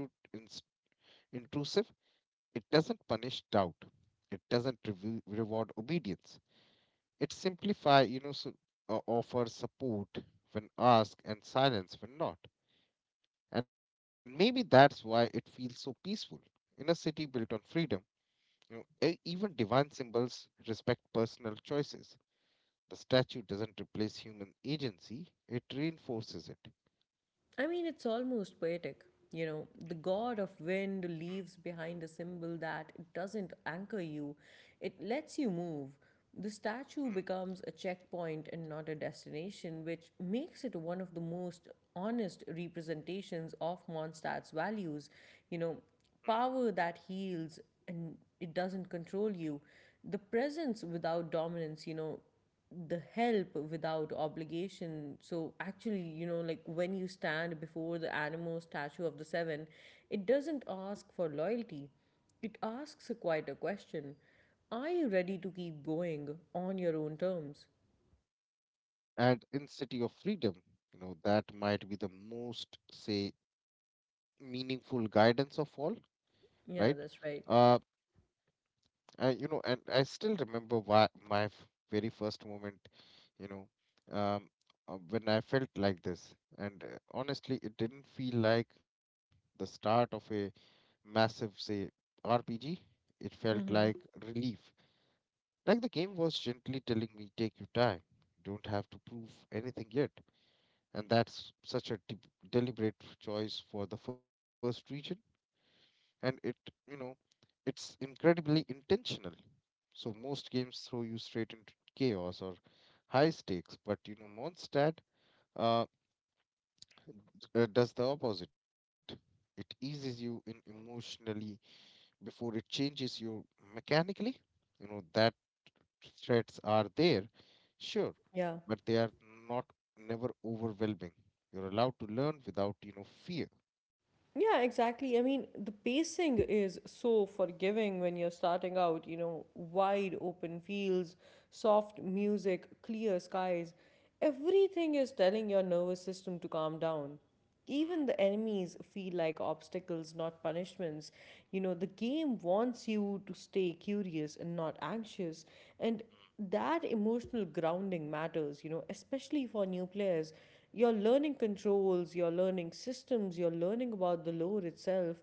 intrusive. It doesn't punish doubt. It doesn't reward obedience. It simplify, you know, so, offers support when asked and silence when not. And maybe that's why it feels so peaceful. In a city built on freedom, you know, even divine symbols respect personal choices. The statue doesn't replace human agency, it reinforces it. I mean, it's almost poetic. You know, the god of Mm, wind leaves behind a symbol that it doesn't anchor you, it lets you move. The statue mm, becomes a checkpoint and not a destination, which makes it one of the most honest representations of Mondstadt's values. You know, mm. power that heals and it doesn't control you, the presence without dominance, you know, the help without obligation. So actually, you know, like when you stand before the Animo statue of the Seven, it doesn't ask for loyalty. It asks a quite a question. Are you ready to keep going on your own terms? And in City of Freedom, you know, that might be the most, say, meaningful guidance of all, right? Yeah, that's right. Uh, I, you know, and I still remember why very first moment, you know, um, when I felt like this. And honestly, it didn't feel like the start of a massive, say, RPG. It felt like Mm-hmm. relief. Like the game was gently telling me, take your time. Don't have to prove anything yet. And that's such a deliberate choice for the first region. And it, you know, it's incredibly intentional. So most games throw you straight into chaos or high stakes, but you know, Mondstadt uh, does the opposite. It eases you in emotionally before it changes you mechanically. You know that threats are there, sure, Yeah. but they are not never overwhelming. You're allowed to learn without fear. Yeah, exactly. I mean, the pacing is so forgiving when you're starting out, you know, Mm, wide open fields, soft music, clear skies. Everything is telling your nervous system to calm down. mm. Even the enemies feel like obstacles, not punishments. You know, the game wants you to stay curious and not anxious. And that emotional grounding matters, you know, especially for new players. You're learning controls, you're learning systems, you're learning about the lore itself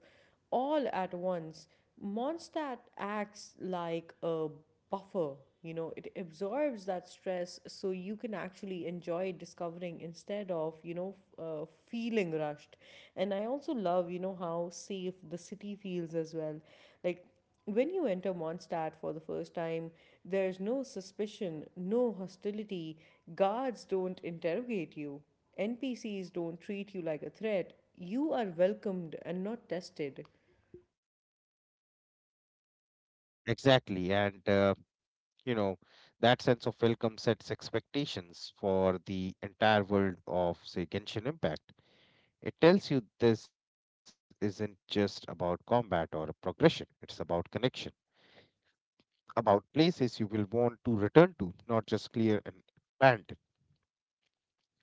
all at once. Mondstadt acts like a buffer, you know, it absorbs that stress so you can actually enjoy discovering instead of, you know, feeling rushed. And I also love, you know, how safe the city feels as well. Like, when you enter Mondstadt for the first time, there's no suspicion, no hostility, guards don't interrogate you, NPCs don't treat you like a threat. You are welcomed and not tested. Exactly, and you know, that sense of welcome sets expectations for the entire world of, say, Genshin Impact. It tells you this isn't just about combat or a progression, it's about connection, about places you will want to return to, not just clear and abandon,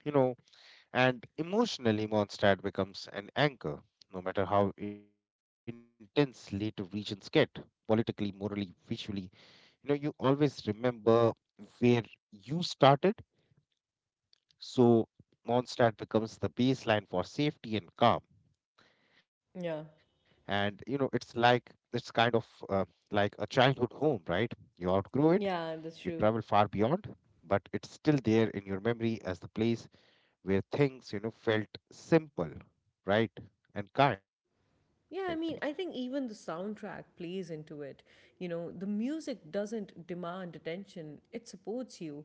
you know, and emotionally Mondstadt becomes an anchor, no matter how intense later regions get, politically, morally, visually. You know, you always remember where you started. So Mondstadt becomes the baseline for safety and calm. And Yeah, you know, it's like it's kind of like a childhood home, right? You outgrow it, yeah, you that's travel true. far beyond, but it's still there in your memory as the place where things, you know, felt simple, right, and kind. Yeah, I mean, I think even the soundtrack plays into it. You know, the music doesn't demand attention, it supports you.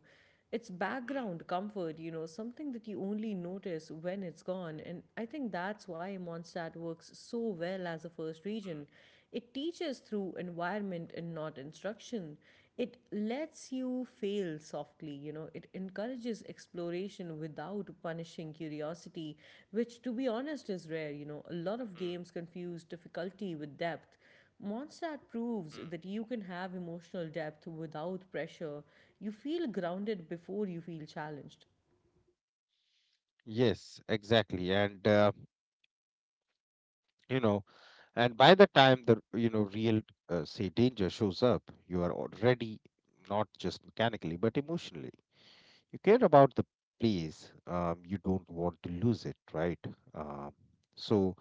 It's Hmm, background comfort, you know, something that you only notice when it's gone. And I think that's why Mondstadt works so well as a first hmm, region. It teaches through environment and not instruction. It lets you fail softly, you know, it encourages exploration without punishing curiosity, which, to be honest, is rare. You know, a lot of games hmm, confuse difficulty with depth. Mondstadt proves hmm. that you can have emotional depth without pressure. You feel grounded before you feel challenged. Yes, exactly. And you know. And by the time the you know real say danger shows up, you are already, not just mechanically but emotionally. You care about the place. You don't want to lose it, right? Um, so,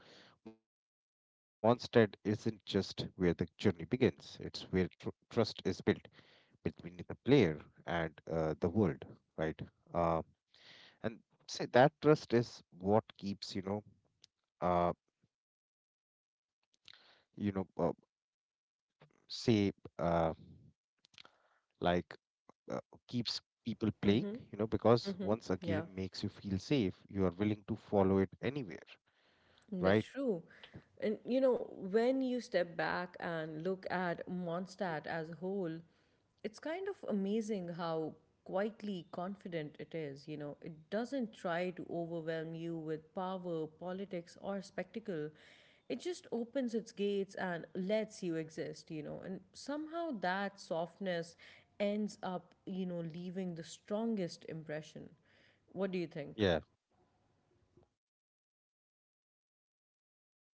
Mondstadt isn't just where the journey begins. It's where trust is built between the player and the world, right? Um and say that trust is what keeps uh, you know, say. Uh, like uh, keeps people playing, Mm-hmm. you know, because Mm-hmm. once a Yeah, game makes you feel safe, you are willing to follow it anywhere, that's right? true. And you know, when you step back and look at Mondstadt as a whole, it's kind of amazing how quietly confident it is, you know. It doesn't try to overwhelm you with power, politics, or spectacle. It just opens its gates and lets you exist, you know. And somehow that softness ends up, you know, leaving the strongest impression. What do you think? Yeah,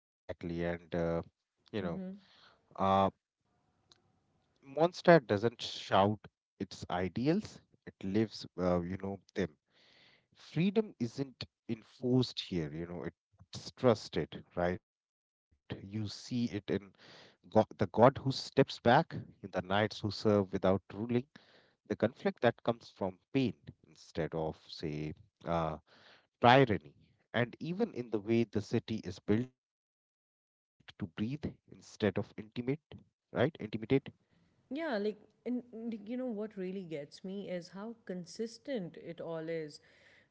exactly. And, you know, uh, monster doesn't shout its ideals, it lives, you know, them. Freedom isn't enforced here, you know, it's trusted, right? You see it in God, the God who steps back, in the knights who serve without ruling, the conflict that comes from pain instead of, say, uh, tyranny, and even in the way the city is built to breathe instead of intimate, right? Intimidate, Yeah, like, and like, you know what really gets me is how consistent it all is.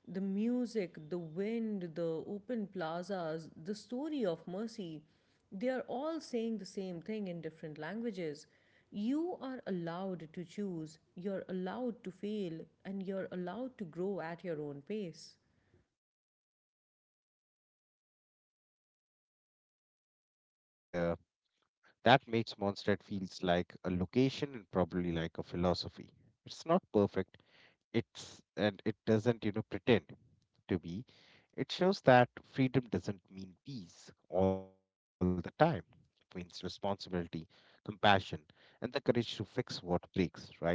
The music, the wind, the open plazas, the story of mercy, they are all saying the same thing in different languages. You are allowed to choose, you're allowed to fail, and you're allowed to grow at your own pace. exactly. And that makes Mondstadt feels like a location and probably like a philosophy. It's not perfect, it's and it doesn't you know pretend to be. It shows that freedom doesn't mean peace all the time. It means responsibility, compassion, and the courage to fix what breaks, right?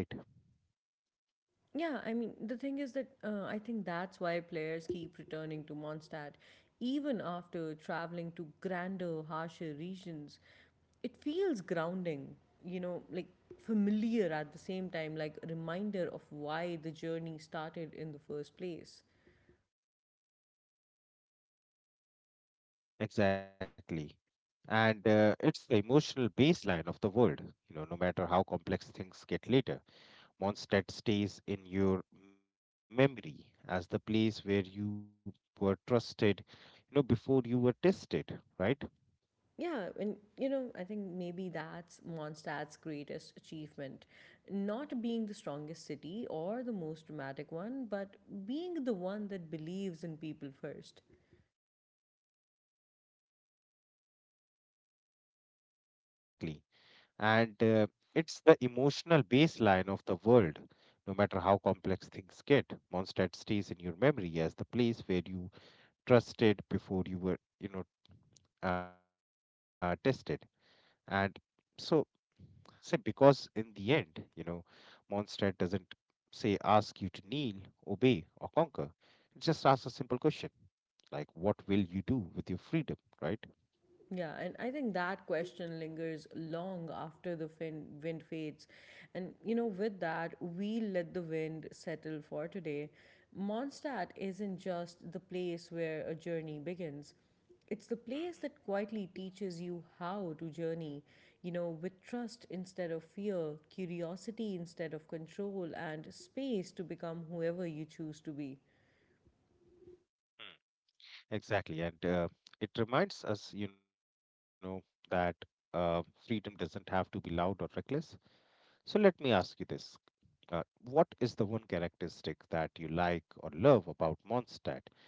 Yeah, I mean, the thing is that I think that's why players keep returning to Mondstadt even after traveling to grander, harsher regions. It feels grounding, you know, like familiar at the same time, like a reminder of why the journey started in the first place. Exactly, and it's the emotional baseline of the world, you know, no matter how complex things get later, Mondstadt stays in your memory as the place where you were trusted, you know, before you were tested, right? Yeah, and you know, I think maybe that's Mondstadt's greatest achievement. Not being the strongest city or the most dramatic one, but being the one that believes in people first. Exactly, and it's the emotional baseline of the world. No matter how complex things get, Mondstadt stays in your memory as the place where you trusted before you were you know tested. And so, say, because in the end, you know, Mondstadt doesn't say ask you to kneel, obey or conquer. It just asks a simple question, like, what will you do with your freedom, right? Yeah, and I think that question lingers long after the wind fades. And you know, with that, we let the wind settle for today. Mondstadt isn't just the place where a journey begins, it's the place that quietly teaches you how to journey, you know, with trust instead of fear, curiosity instead of control, and space to become whoever you choose to be. Mhm. Exactly. And it reminds us, you know, that uh, freedom doesn't have to be loud or reckless. So let me ask you this. Uh, what is the one characteristic that you like or love about Mondstadt?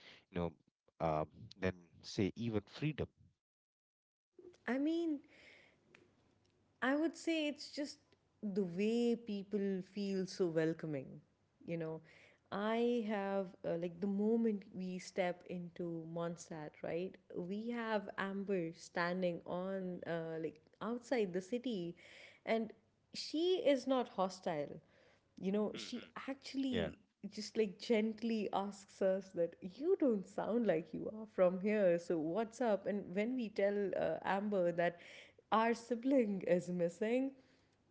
You know, uh, then say even freedom. I mean, I would say it's just the way people feel so welcoming, you know. I have, like, the moment we step into Mondstadt, right, we have Amber standing on, like, outside the city, and she is not hostile. You know, she Hmm. Yeah, actually just like gently asks us that you don't sound like you are from here, so what's up. And when we tell, Amber, that our yeah, sibling is missing,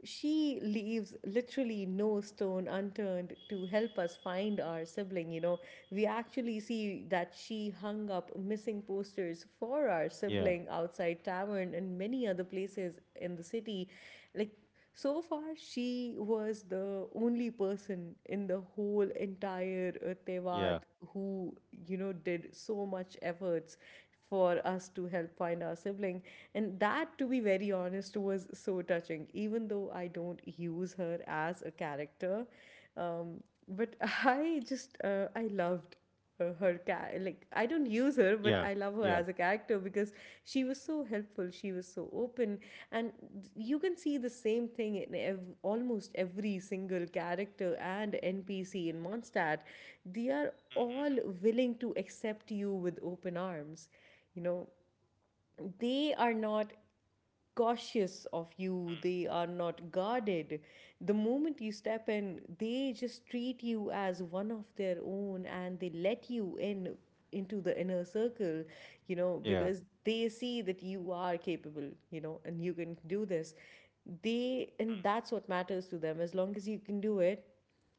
she leaves literally no stone unturned to help us find our sibling. You know, we actually see that she hung up missing posters for our sibling yeah, outside tavern and many other places in the city. Like, so far, she was the only person in the whole entire Tevat yeah, who, you know, did so much efforts for us to help find our sibling. And that, to be very honest, was so touching. Even though I don't use her as a character, but I just I loved her cat. Like, I don't use her, but I love yeah, her as a yeah. character because she was so helpful. She was so open, and you can see the same thing in almost every single character and NPC in Mondstadt. They are all Mm-hmm. willing to accept you with open arms. You know, they are not Exactly. cautious of you, Mm. they are not guarded. The moment you step in, they just treat you as one of their own and they let you in into the inner circle, you know, Yeah. because they see that you are capable, you know, and you can do this. They and that's what matters to them. As long as you can do it,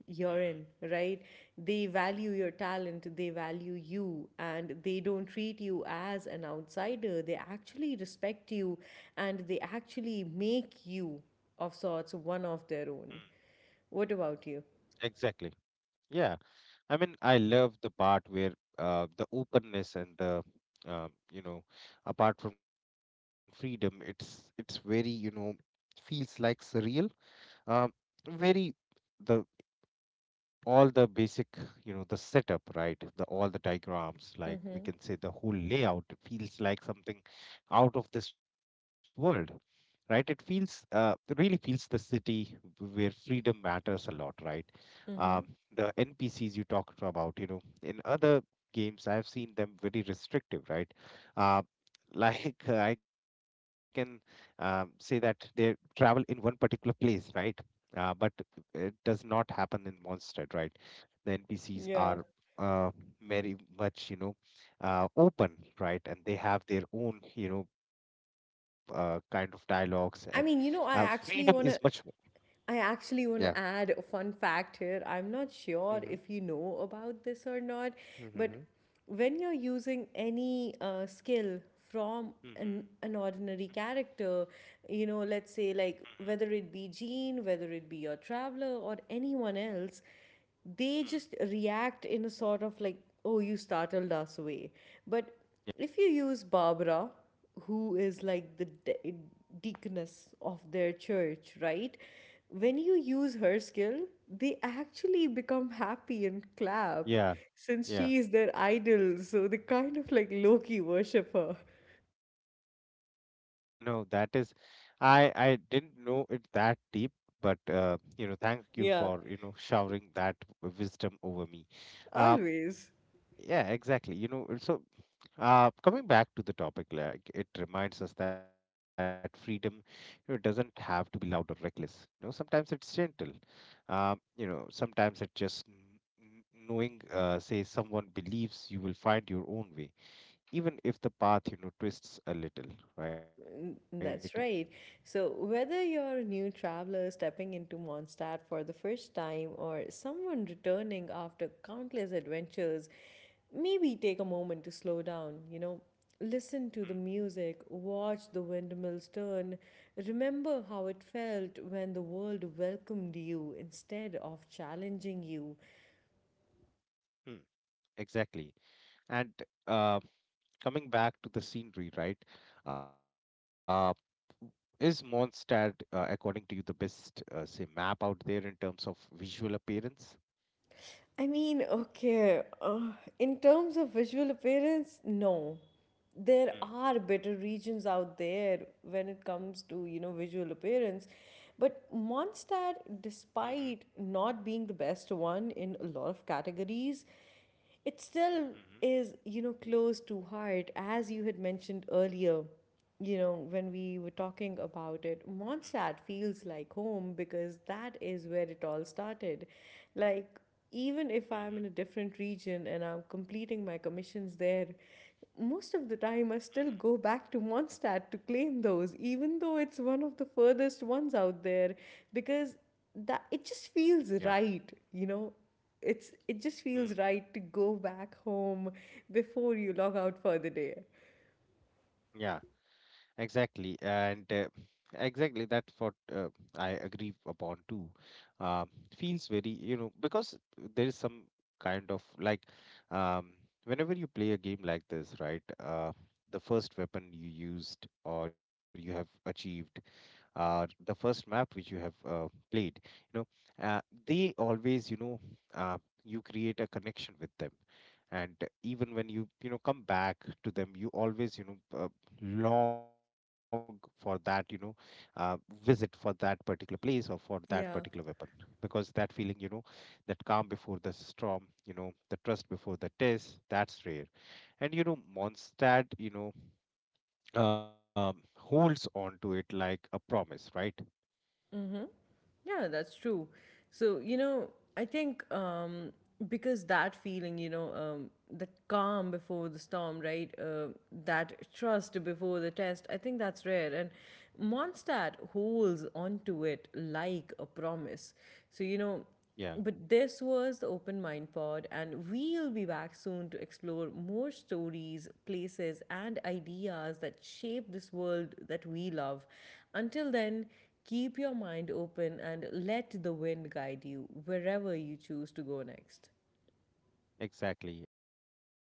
you're in, Mm-hmm. right? They value your talent, they value you, and they don't treat you as an outsider. They actually respect you and they actually make you, of sorts, one of their own. What about you? Exactly. Yeah. I mean, I love the part where the openness and the you know, apart from freedom, it's very you know feels like surreal. Um, very the all the basic, you know, the setup, right, the all the diagrams, like we Mm-hmm. can say the whole layout feels like something out of this world, right. It feels really feels the city where freedom matters a lot, right. um, Mm-hmm. the NPCs you talked about, you know, in other games I've seen them very restrictive, right. uh, like I can say that they travel in one particular place, right. But it does not happen in Mondstadt, right? The NPCs Yeah. are uh, very much, you know, open, right? And they have their own, you know, kind of dialogues, and I mean, freedom you know, is I much more. actually want to I Yeah. actually want to add a fun fact here. I'm not Mm-hmm. sure if you know about this or not, Mm-hmm. Mm-hmm. but when you're using any skill from an ordinary character, you know, let's Mm-hmm. say like whether it be Jean, whether it be your traveler, or anyone else, they just react in a sort of like, oh, you startled us way. But Yeah, if you use Barbara, who is like the deaconess of their church, right? When you use her skill, they actually become happy and clap yeah, since yeah, she is their idol. So they kind of like low key worship her. exactly. You know, that is, I didn't know it that deep, but you know, thank you Yeah, for, you know, showering that wisdom over me. Um, always. yeah, exactly. You know, so coming back to the topic, like it reminds us that freedom, you know, doesn't have to be loud or reckless. You know, sometimes it's gentle. You know, sometimes it's just knowing, say, someone believes you will find your own way, even if the path, you know, twists a little, right? N- That's right. So, whether you're a new traveler stepping into Mondstadt for the first time or someone returning after countless adventures, maybe take a moment to slow down, you know, listen to Hmm. the music, watch the windmills turn, remember how it felt when the world welcomed you instead of challenging you. Hmm. Exactly. And uh, coming back to the scenery, right? Uh, is Mondstadt, according to you, the best, say, map out there in terms of visual appearance? I mean, okay, in terms of visual appearance, no. There Hmm. are better regions out there when it comes to, you know, visual appearance, but Mhm, Mondstadt, despite not being the best one in a lot of categories, it mhm, still is, you know, close to heart. As you had mentioned earlier, you know, when mhm, we were talking about it, Mondstadt feels like home because that is where it all started. Like, mhm, even if I'm in a different region and I'm completing my commissions there, most of the time I mhm. still go back to Mondstadt to claim those, even though it's one of the furthest ones out there, because Yeah. that it just feels right, you know. It's Hmm. it just feels right to go back home before you log out for the day. Yeah, exactly. And exactly that's what I agree upon too. Um, feels very, you know, because there is some kind of like um, whenever you play a game like this, right? The first weapon you used or you have achieved the first map which you have played, you know, uh, they always you know uh, you create a connection with them, and even when you know come back to them, you always you know long for that, you know, uh, visit for that particular place or for that particular Yeah. weapon, because that feeling, you know, that calm before the storm, you know, the trust before the test, that's rare. And you know Mondstadt, you know, holds on to it like a promise, right? Yeah, that's true. So, you know, I think because that feeling, you know, that calm before the storm, right? That trust before the test, I think that's rare. And Mondstadt holds onto it like a promise. So, you know, Yeah, but this was the Open Mind Pod, and we'll be back soon to explore more stories, places, and ideas that shape this world that we love. Until then, keep your mind open and let the wind guide you wherever you choose to go next. exactly. And